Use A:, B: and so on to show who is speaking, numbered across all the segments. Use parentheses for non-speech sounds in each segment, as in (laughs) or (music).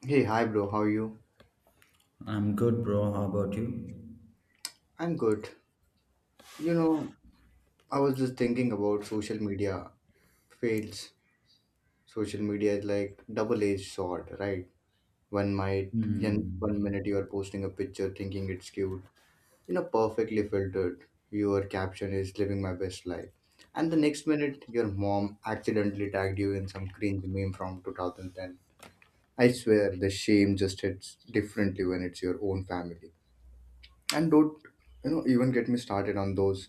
A: Hey, hi, bro. How are you?
B: I'm good, bro. How about you?
A: I'm good. You know, I was just thinking about social media fails. Social media is like double-edged sword, right? One might, in one
B: Hmm.
A: minute you are posting a picture thinking it's cute perfectly filtered. Your caption is living my best life. And the next minute, your mom accidentally tagged you in some cringe meme from 2010. I swear, the shame just hits differently when it's your own family. And don't even get me started on those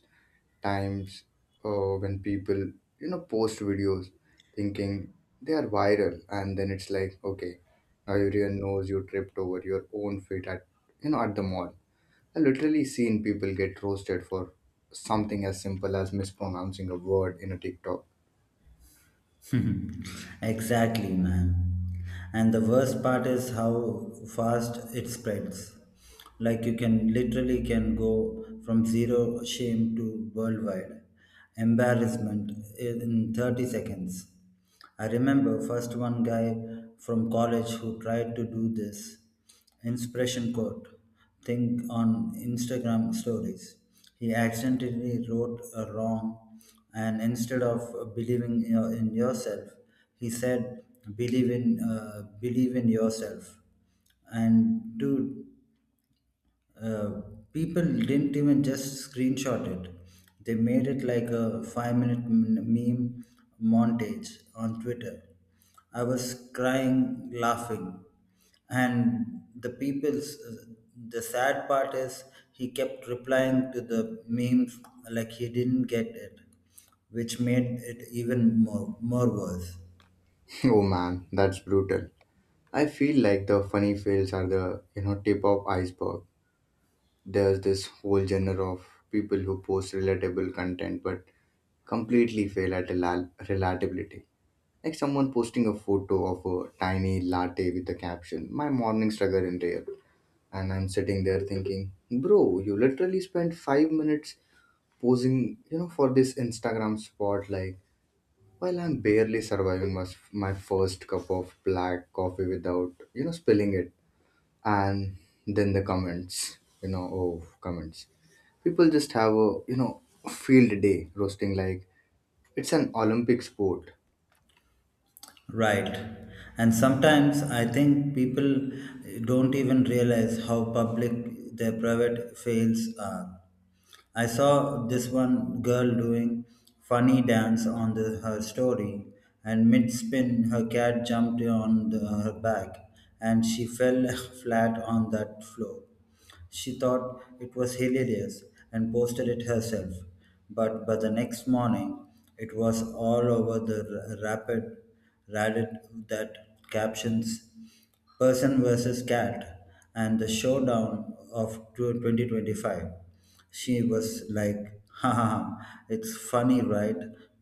A: times when people post videos thinking they are viral. And then it's like, okay, now everyone knows you tripped over your own feet at you know at the mall. I literally seen people get roasted for something as simple as mispronouncing a word in a TikTok.
B: (laughs) Exactly, man. And the worst part is how fast it spreads. Like you can literally can go from zero shame to worldwide embarrassment in 30 seconds. I remember first one guy from college who tried to do this inspiration quote thing on Instagram stories. He accidentally wrote a wrong, and instead of in yourself, he said, "Believe in believe in yourself." And dude, uh, people didn't even just screenshot it. They made it like a 5 minute meme montage on Twitter. I was crying, laughing. And the sad part is he kept replying to the memes like he didn't get it, which made it even more worse.
A: (laughs) Oh man, that's brutal. I feel like the funny fails are the tip of iceberg. There's this whole genre of people who post relatable content but completely fail at relatability. Like someone posting a photo of a tiny latte with a caption, "My morning struggle in real." And I'm sitting there thinking, "Bro, you literally spent 5 minutes posing for this Instagram spotlight while I'm barely surviving my first cup of black coffee without spilling it." And then the comments, oh, comments. People just have a field day roasting like it's an Olympic sport.
B: Right. And sometimes I think people don't even realize how public their private fails are. I saw this one girl doing funny dance on her story, and mid spin, her cat jumped on her back and she fell (laughs) flat on that floor. She thought it was hilarious and posted it herself. But by the next morning, it was all over the r- rapid Reddit that captions person versus cat and the showdown of 2025. She was like, ha ha, ha, it's funny, right?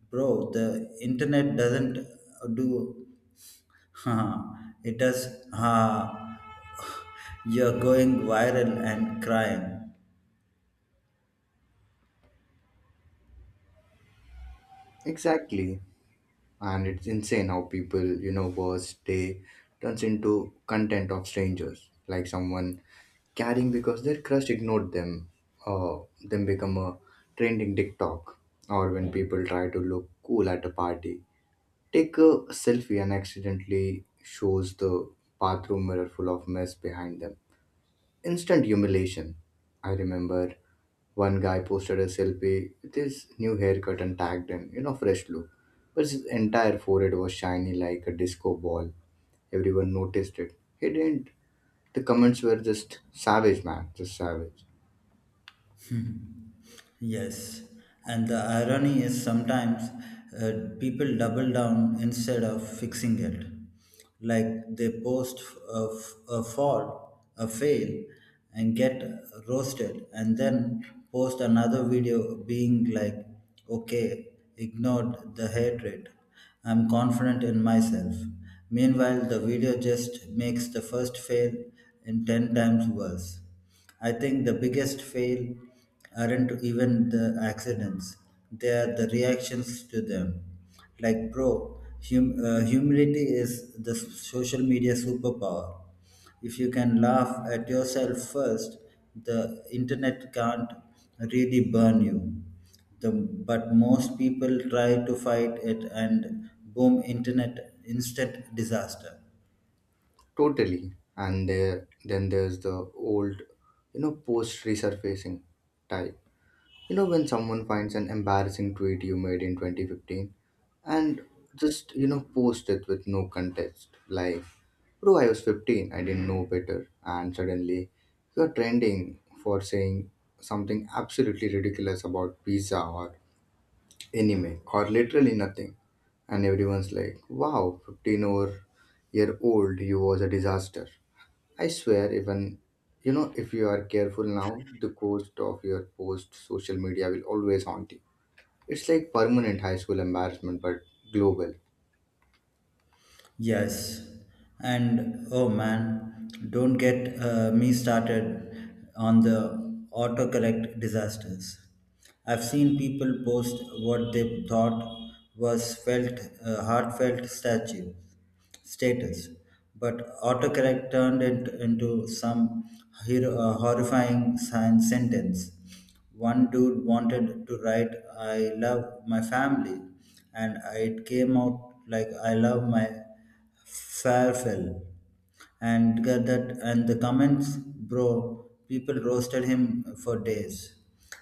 B: Bro, the internet doesn't do. Huh, it does. Uh, you're going viral and crying.
A: Exactly. And it's insane how people worst day turns into content of strangers, like someone caring because their crush ignored them, or them become a trending TikTok, or when people try to look cool at a party, take a selfie and accidentally shows the bathroom mirror full of mess behind them. Instant humiliation. I remember one guy posted a selfie with his new haircut and tagged in fresh look. But his entire forehead was shiny like a disco ball. Everyone noticed it. He didn't. The comments were just savage, man. Just savage.
B: (laughs) Yes, and the irony is sometimes people double down instead of fixing it. Like they post a, f- a fall, a fail, and get roasted, and then post another video being like, okay, ignored the hatred. I'm confident in myself. Meanwhile, the video just makes the first fail in 10 times worse. I think the biggest fail aren't even the accidents, they are the reactions to them. Like, bro, humility is the social media superpower. If you can laugh at yourself first, the internet can't really burn you. But most people try to fight it and boom, internet instant disaster.
A: Totally. And then there's the old post resurfacing type. You know, when someone finds an embarrassing tweet you made in 2015 and just post it with no context, like, bro, I was 15, I didn't know better, and suddenly you're trending for saying something absolutely ridiculous about pizza or anime or literally nothing. And everyone's like, wow, 15 over year old, you was a disaster. I swear, even if you are careful now, the ghost of your post social media will always haunt you. It's like permanent high school embarrassment, but global.
B: Yes, and oh man, don't get me started on the autocorrect disasters. I've seen people post what they thought was felt heartfelt statue status, but autocorrect turned it into some horrifying science sentence. One dude wanted to write, I love my family, and it came out like, I love my farewell. And get that, and the comments, bro, people roasted him for days.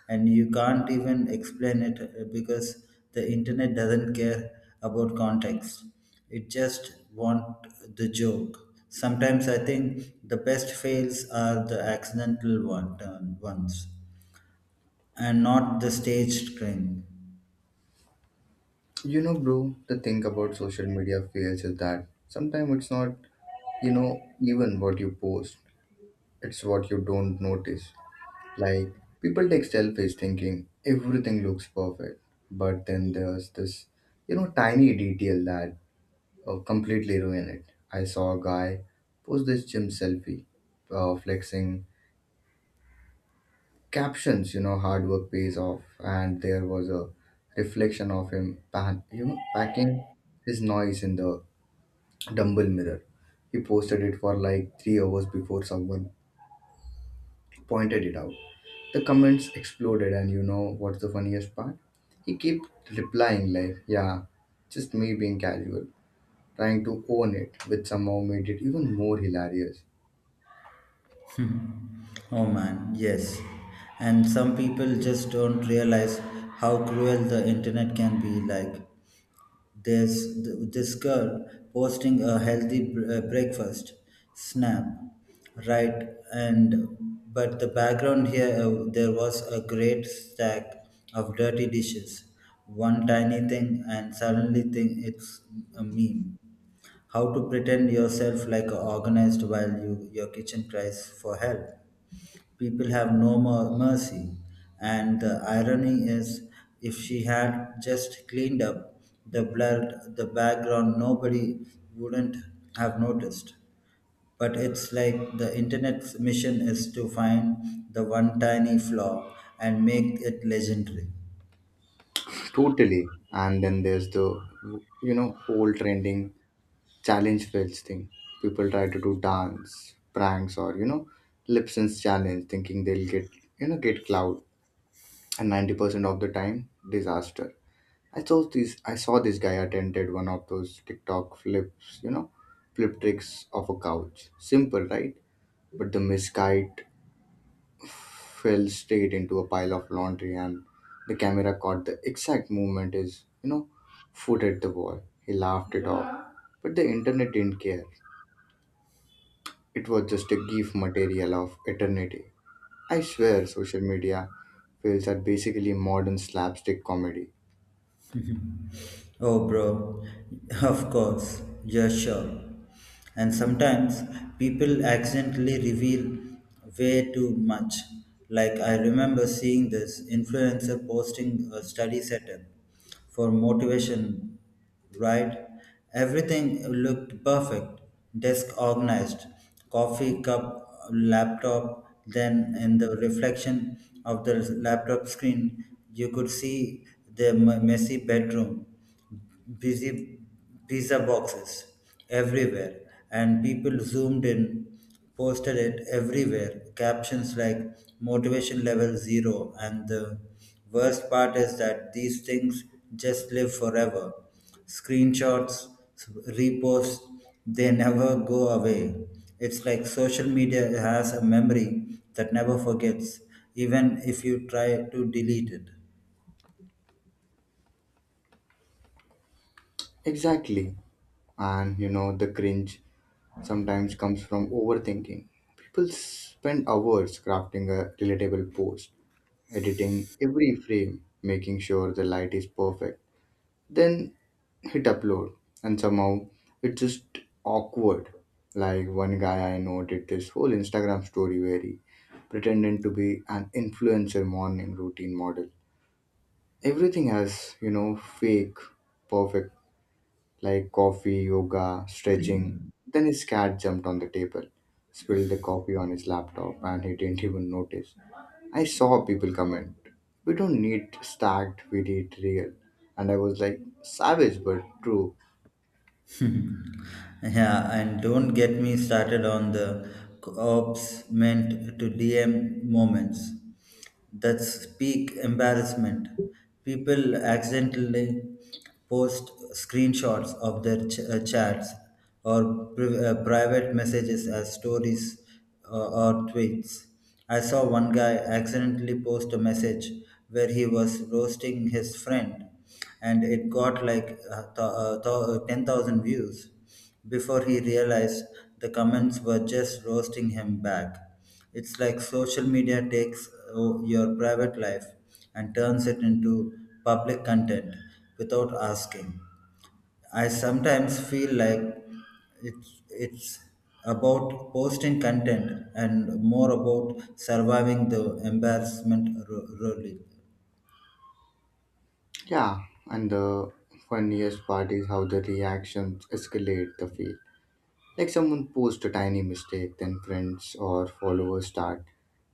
B: And you can't even explain it because the internet doesn't care about context. It just want the joke. Sometimes I think the best fails are the ones and not the staged crying.
A: You know, bro, the thing about social media fails is that sometimes it's not even what you post, it's what you don't notice. Like, people take selfies thinking everything looks perfect, but then there's this tiny detail that completely ruin it. I saw a guy post this gym selfie flexing captions hard work pays off, and there was a reflection of him packing his noise in the dumbbell mirror. He posted it for like 3 hours before someone pointed it out. The comments exploded, and you know what's the funniest part? He kept replying like, "Yeah, just me being casual." Trying to own it, which somehow made it even more hilarious.
B: (laughs) Oh man, yes. And some people just don't realize how cruel the internet can be. Like there's this girl posting a healthy breakfast snap, right? And but the background here there was a great stack of dirty dishes, one tiny thing, and suddenly think it's a meme. How to pretend yourself like organized while you, your kitchen cries for help. People have no mercy. And the irony is, if she had just cleaned up the blood, the background, nobody wouldn't have noticed. But it's like the internet's mission is to find the one tiny flaw and make it legendary.
A: Totally. And then there's the whole trending challenge fails thing. People try to do dance, pranks, or lip sync challenge thinking they'll get cloud. And 90% of the time, disaster. I saw this guy attempted one of those TikTok flips flip tricks of a couch. Simple, right? But the misguided fell straight into a pile of laundry, and the camera caught the exact movement his you know foot at the wall. He laughed it off, but the internet didn't care. It was just a gif material of eternity. I swear, social media fails are basically modern slapstick comedy.
B: Oh, bro, (laughs) of course, yeah, sure. And sometimes people accidentally reveal way too much. Like, I remember seeing this influencer posting a study setup for motivation, right? Everything looked perfect: desk organized, coffee cup, laptop. Then, in the reflection of the laptop screen, you could see the messy bedroom, busy pizza boxes everywhere, and people zoomed in, posted it everywhere, captions like motivation level 0. And the worst part is that these things just live forever: screenshots, reposts, they never go away. It's like social media has a memory that never forgets, even if you try to delete it.
A: Exactly. And the cringe sometimes comes from overthinking. People spend hours crafting a relatable post, editing every frame, making sure the light is perfect, then hit upload, and somehow it's just awkward. Like one guy I know did this whole Instagram story where he pretended to be an influencer morning routine model. Everything has fake perfect, like coffee, yoga, stretching. Then his cat jumped on the table, spilled the coffee on his laptop, and he didn't even notice. I saw people comment, "We don't need stacked, we need real," and I was like, savage but true.
B: (laughs) Yeah, and don't get me started on the co-ops meant to DM moments. That's peak embarrassment. People accidentally post screenshots of their chats or private messages as stories or tweets. I saw one guy accidentally post a message where he was roasting his friend and it got like 10,000 views before he realized the comments were just roasting him back. It's like social media takes your private life and turns it into public content without asking. I sometimes feel like it's about posting content and more about surviving the embarrassment roller.
A: Yeah, and the funniest part is how the reactions escalate the field. Like someone posts a tiny mistake, then friends or followers start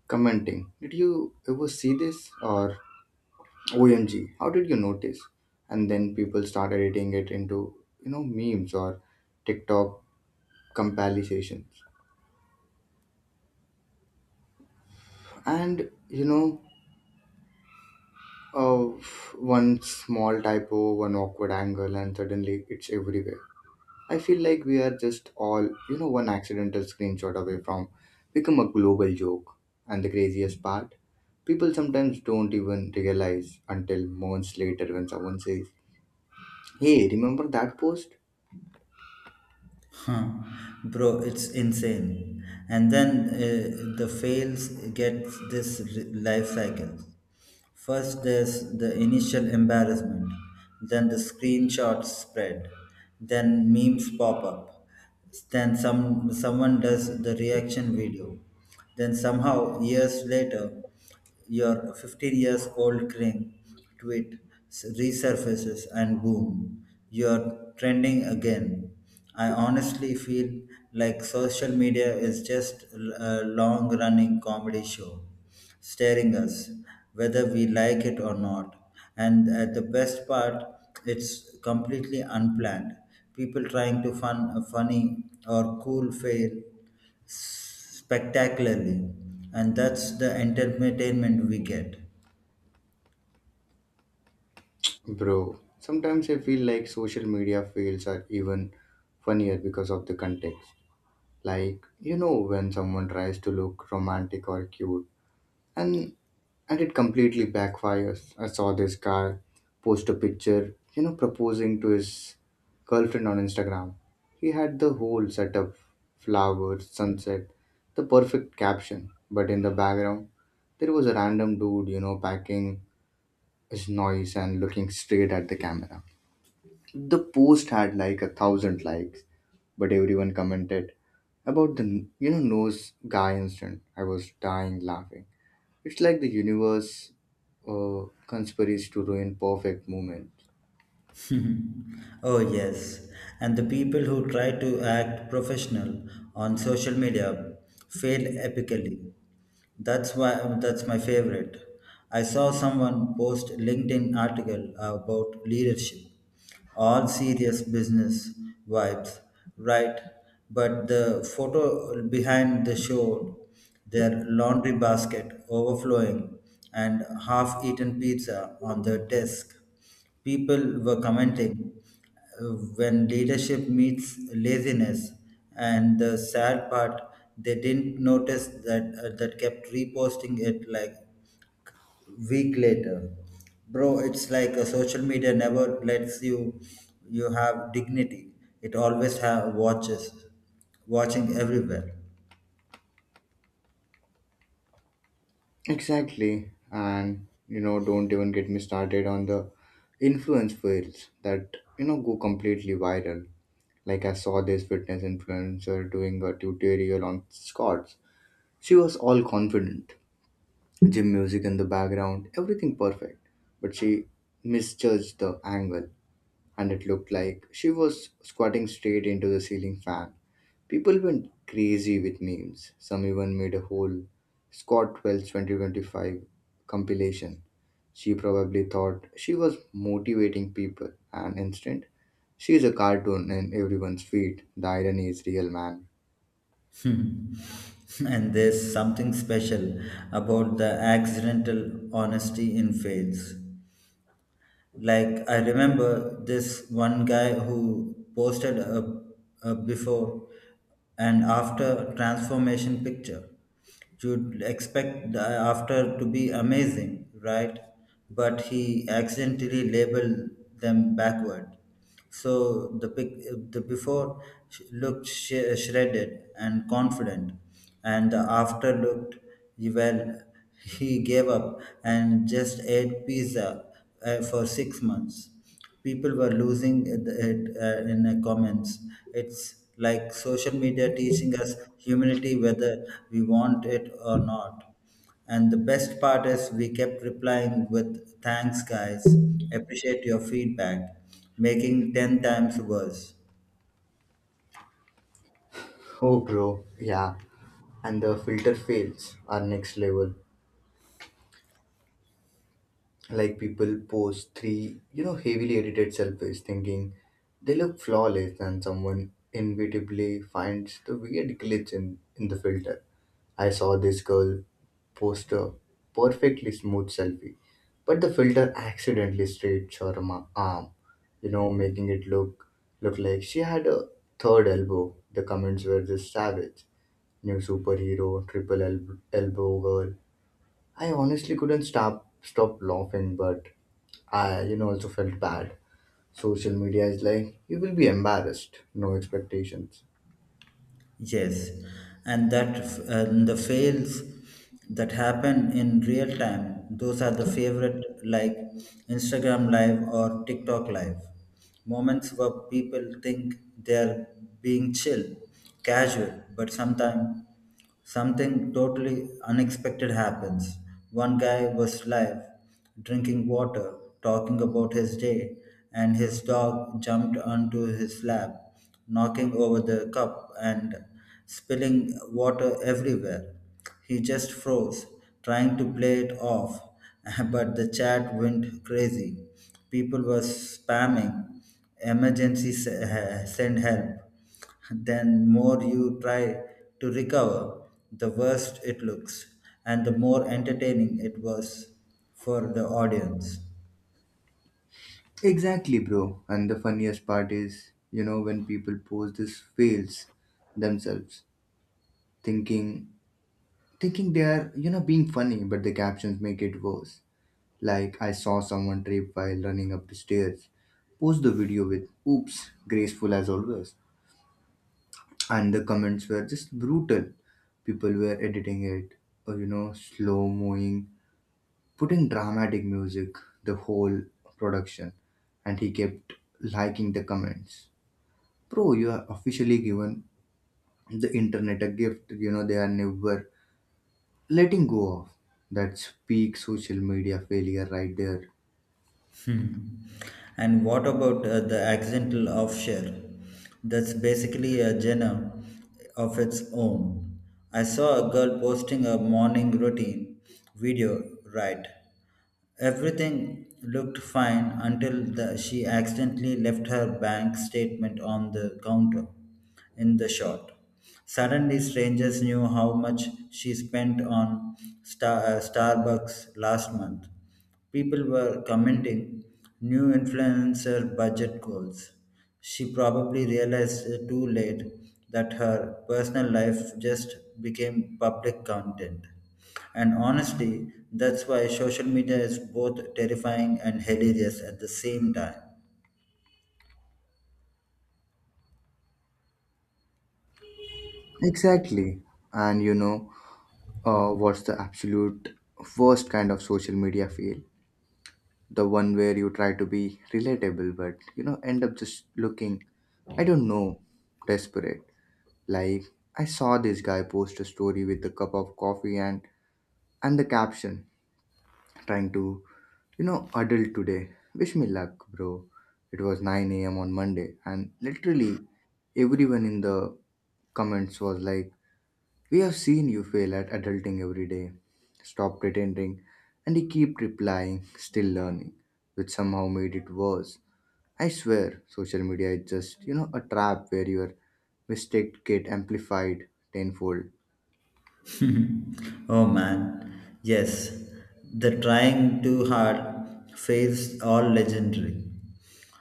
A: commenting, "Did you ever see this?" Or "OMG, how did you notice?" And then people start editing it into memes or TikTok compilations. And, uh, one small typo, one awkward angle, and suddenly it's everywhere. I feel like we are just all one accidental screenshot away from become a global joke. And the craziest part, people sometimes don't even realize until months later when someone says, "Hey, remember that post?"
B: Huh. Bro, it's insane. And then the fails gets this life cycle. First, there's the initial embarrassment, then the screenshots spread, then memes pop up, then someone does the reaction video, then somehow years later your 15 years old cringe tweet resurfaces and boom, you're trending again. I honestly feel like social media is just a long running comedy show staring us, whether we like it or not. And at the best part, it's completely unplanned. People trying to funny or cool fail spectacularly, and that's the entertainment we get.
A: Bro, sometimes I feel like social media fails are even funnier because of the context. Like when someone tries to look romantic or cute, and and it completely backfires. I saw this guy post a picture proposing to his girlfriend on Instagram. He had the whole setup: flowers, sunset, the perfect caption, but in the background, there was a random dude packing his noise and looking straight at the camera. The post had like 1,000 likes, but everyone commented about the nose guy incident. I was dying laughing. It's like the universe uh, conspires to ruin perfect moments.
B: (laughs) Oh, yes. And the people who try to act professional on social media fail epically. That's why that's my favorite. I saw someone post LinkedIn article about leadership. All serious business vibes, right? But the photo behind the showed their laundry basket overflowing and half-eaten pizza on their desk. People were commenting uh, when leadership meets laziness, and the sad part, they didn't notice that that kept reposting it like week later. Bro, it's like a social media never lets you you have dignity. It always have watching everywhere. (laughs)
A: Exactly. And don't even get me started on the influence fails that go completely viral. Like I saw this fitness influencer doing a tutorial on squats. She was all confident, gym music in the background, everything perfect. But she misjudged the angle, and it looked like she was squatting straight into the ceiling fan. People went crazy with memes. Some even made a whole Scott Wells 2025 compilation. She probably thought she was motivating people, and instant, she's a cartoon in everyone's feed. The irony is real, man.
B: Hmm. And there's something special about the accidental honesty in fails. Like I remember this one guy who posted a before and after transformation picture. You'd expect the after to be amazing, right? But he accidentally labeled them backward. So the before looked shredded and confident, and the after looked well. He gave up and just ate pizza for 6 months. People were losing it in the comments. It's like social media teaching us humility, whether we want it or not. And the best part is we kept replying with thanks guys, appreciate your feedback, making 10 times worse.
A: Oh, bro, yeah. And the filter fails are next level. Like people post three heavily edited selfies thinking they look flawless, and someone inevitably finds the weird glitch in the filter. I saw this girl post a perfectly smooth selfie, but the filter accidentally stretched her arm, you know, making it look like she had a third elbow. The comments were just savage. New superhero, triple elbow girl. I honestly couldn't stop laughing, but I also felt bad. Social media is like, you will be embarrassed, no expectations.
B: Yes, and that and the fails that happen in real time, those are the favorite, like Instagram live or TikTok live. Moments where people think they're being chill, casual, but sometimes something totally unexpected happens. One guy was live, drinking water, talking about his day, and his dog jumped onto his lap, knocking over the cup and spilling water everywhere. He just froze, trying to play it off, (laughs) but the chat went crazy. People were spamming, emergency (laughs) send help. Then more you try to recover, the worse it looks, and the more entertaining it was for the audience.
A: Exactly, bro. And the funniest part is when people post this fails themselves, thinking thinking they are being funny, but the captions make it worse. Like I saw someone trip while running up the stairs. Post the video with, "Oops, graceful as always." And the comments were just brutal. People were editing it, or slow mowing, putting dramatic music, the whole production, and he kept liking the comments. Bro, you are officially given the internet a gift. You know they are never letting go of. That's peak social media failure right there.
B: Hmm. And what about the accidental offshore? That's basically a genre of its own. I saw a girl posting a morning routine video, right? Everything looked fine until she accidentally left her bank statement on the counter in the shot. Suddenly, strangers knew how much she spent on Starbucks last month. People were commenting new influencer budget goals. She probably realized too late that her personal life just became public content. And honestly, that's why social media is both terrifying and hilarious at the same time.
A: Exactly, and what's the absolute worst kind of social media fail? The one where you try to be relatable but end up just looking, I don't know, desperate. Like I saw this guy post a story with a cup of coffee and the caption, "Trying to adult today. Wish me luck, bro." It was 9 a.m on Monday, and literally everyone in the comments was like, "We have seen you fail at adulting every day. Stop pretending." And you keep replying, "Still learning," which somehow made it worse. I swear, social media is just a trap where your mistakes get amplified tenfold.
B: (laughs) Oh man, yes, the trying too hard phase all legendary.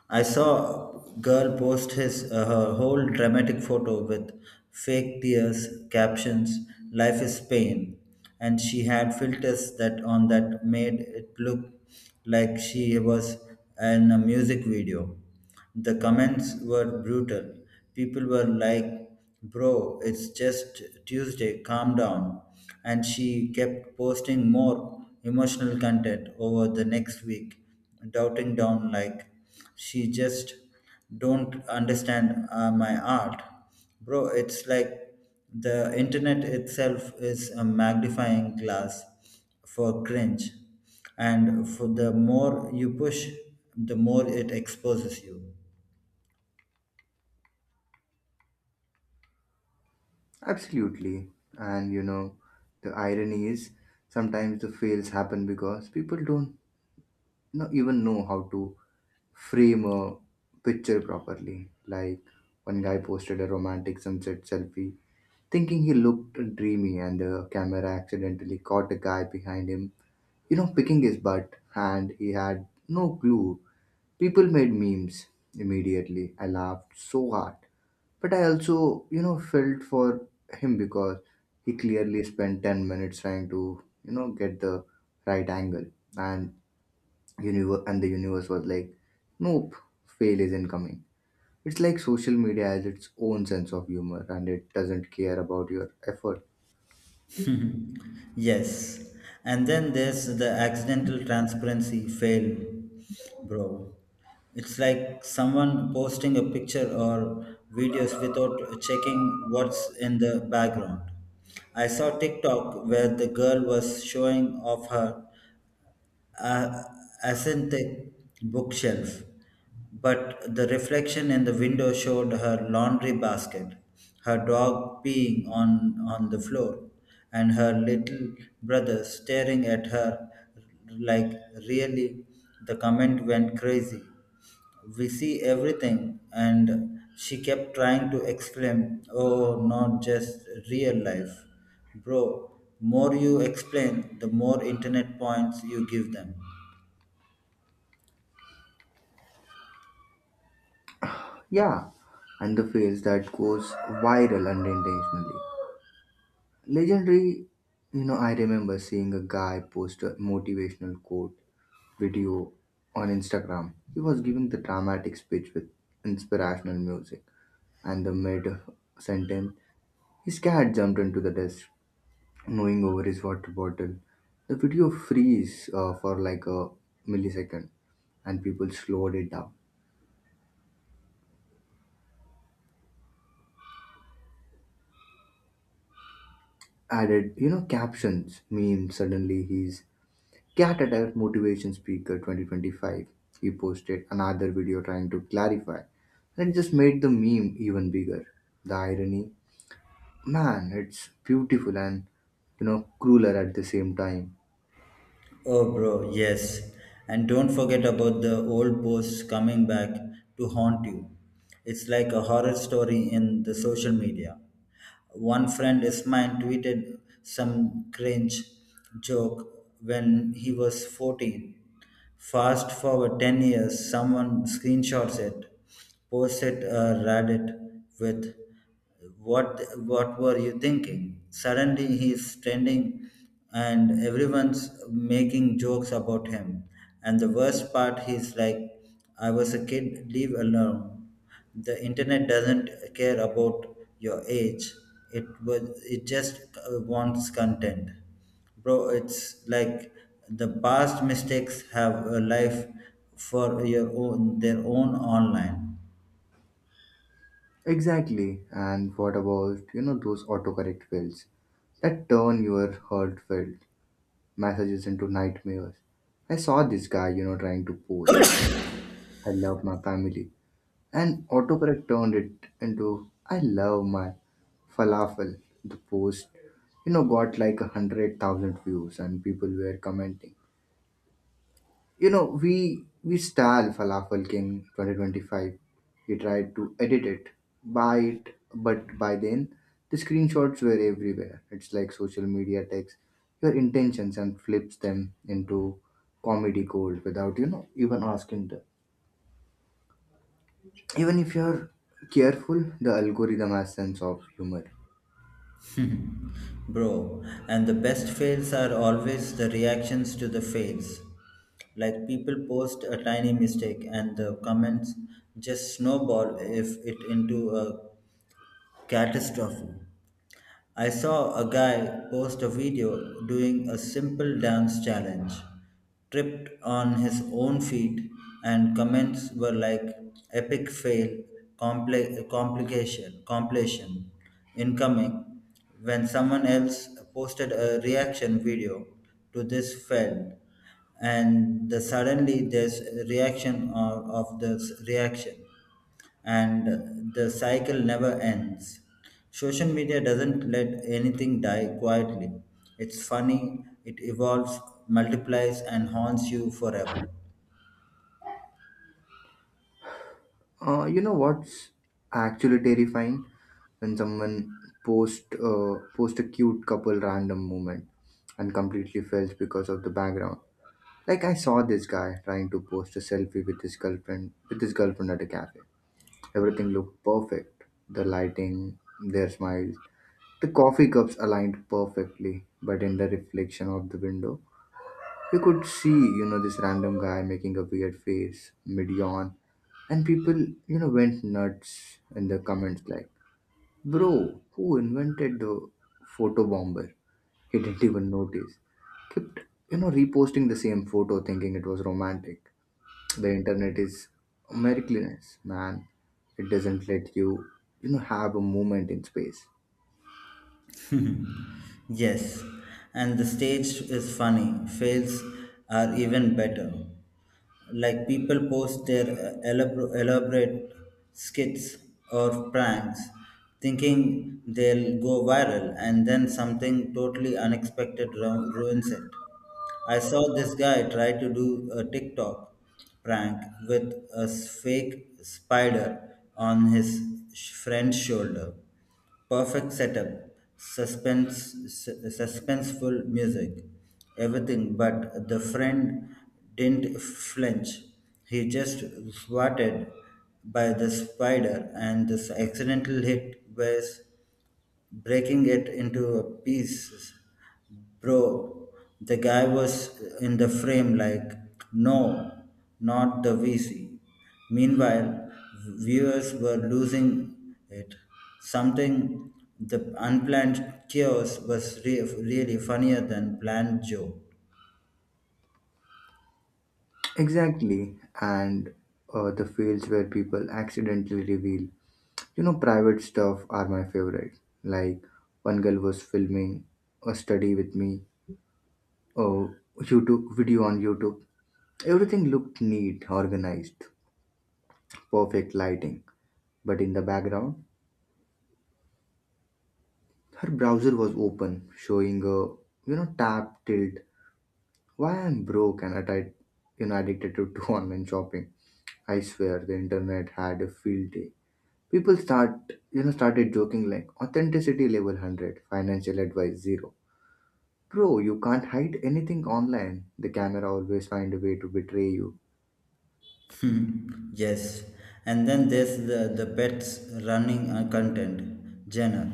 B: I saw girl post his her whole dramatic photo with fake tears, captions, "Life is pain," and she had filters that on that made it look like she was in a music video. The comments were brutal. People were like, Bro, it's just Tuesday, calm down. And she kept posting more emotional content over the next week, doubting down like, She just don't understand my art. Bro, it's like the internet itself is a magnifying glass for cringe, and for the more you push, the more it exposes you.
A: Absolutely. And the irony is sometimes the fails happen because people don't even know how to frame a picture properly. Like, one guy posted a romantic sunset selfie thinking he looked dreamy, and the camera accidentally caught a guy behind him picking his butt, and he had no clue. People made memes immediately. I laughed so hard. But I also felt for him because he clearly spent 10 minutes trying to get the right angle. And and the universe was like, "Nope, fail is incoming." It's like social media has its own sense of humor, and it doesn't care about your effort.
B: (laughs) Yes, and then there's the accidental transparency fail, bro. It's like someone posting a picture or videos without checking what's in the background. I saw tiktok where the girl was showing off her uh, asynthetic bookshelf, but the reflection in the window showed her laundry basket, her dog peeing on the floor, and her little brother staring at her like really. The comment went crazy. We see everything, and she kept trying to exclaim, Oh, not just real life. Bro, more you explain, the more internet points you give them.
A: Yeah, and the face that goes viral unintentionally. Legendary I remember seeing a guy post a motivational quote video on Instagram. He was giving the dramatic speech with inspirational music, and the mid sentence, his cat jumped into the desk, gnawing over his water bottle. The video freeze for like a millisecond, and people slowed it down. Added captions, memes. Suddenly, he's Cat Attack Motivation Speaker 2025. He posted another video trying to clarify, and it just made the meme even bigger. The irony, man, it's beautiful, and crueler at the same time.
B: Oh, bro, yes. And don't forget about the old posts coming back to haunt you. It's like a horror story in the social media. One friend is mine tweeted some cringe joke when he was 14. Fast forward 10 years, someone screenshots it, posts it Reddit with what what were you thinking? Suddenly he's trending and everyone's making jokes about him. And the worst part he's like, I was a kid, leave alone. The internet doesn't care about your age. It was it just wants content, bro. It's like the past mistakes have a life for your own their own online.
A: Exactly. And what about those autocorrect fails that turn your heartfelt messages into nightmares? I saw this guy trying to post, "I love my family," and autocorrect turned it into, "I love my falafel." The post got like 100,000 views, and people were commenting, "We style falafel king 2025." He tried to edit it, buy it, but by then the screenshots were everywhere. It's like social media takes your intentions and flips them into comedy gold without even asking. Even if you're careful, the algorithm has sense of humor.
B: Bro, and the best fails are always the reactions to the fails. Like people post a tiny mistake and the comments just snowball if it into a catastrophe. I saw a guy post a video doing a simple dance challenge, tripped on his own feet, and comments were like epic fail, complication, completion, incoming. When someone else posted a reaction video to this failed, and suddenly there's a reaction of this reaction and the cycle never ends. Social media doesn't let anything die quietly. It's funny, it evolves, multiplies, and haunts you forever.
A: You know what's actually terrifying, when someone post a cute couple random moment and completely fails because of the background. Like I saw this guy trying to post a selfie with his girlfriend at a cafe. Everything looked perfect: the lighting, their smiles, the coffee cups aligned perfectly. But in the reflection of the window, you could see this random guy making a weird face mid yawn, and people went nuts in the comments like, "Bro, who invented the photo bomber?" He didn't even notice. Kept reposting the same photo thinking it was romantic. The internet is a miraculous, man. It doesn't let you have a moment in space.
B: Yes, and the stage is funny. Fails are even better. Like people post their elaborate skits or pranks thinking they'll go viral, and then something totally unexpected ruins it. I saw this guy try to do a TikTok prank with a fake spider on his friend's shoulder. Perfect setup, suspense, suspenseful music, everything. But the friend didn't flinch. He just swatted by the spider, and this accidental hit was breaking it into pieces. Bro, the guy was in the frame like, no, not the VC. Meanwhile, viewers were losing it. Something the unplanned chaos was really funnier than planned joke.
A: Exactly, and the fields where people accidentally reveal. Private stuff are my favorite. Like, one girl was filming a study with me, oh, YouTube video on YouTube. Everything looked neat, organized, perfect lighting. But in the background, her browser was open, showing a tab tilt, "Why I'm broke and addicted to," (laughs) to online shopping. I swear the internet had a field day. People started joking like authenticity level 100, financial advice zero. Bro, you can't hide anything online. The camera always find a way to betray you.
B: Hmm, yes. And then there's the pets running content genre.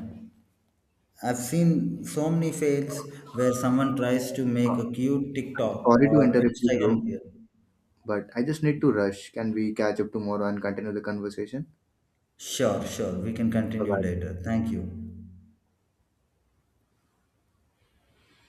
B: I've seen so many fails where someone tries to
A: Uh,
B: make a cute
A: I'm
B: TikTok
A: sorry to
B: or
A: interrupt you,
B: Instagram
A: bro,
B: reel.
A: but I just need to rush. Can we catch up tomorrow and continue the conversation?
B: Sure, sure. We can
A: Bye
B: continue
A: bye.
B: later. Thank you.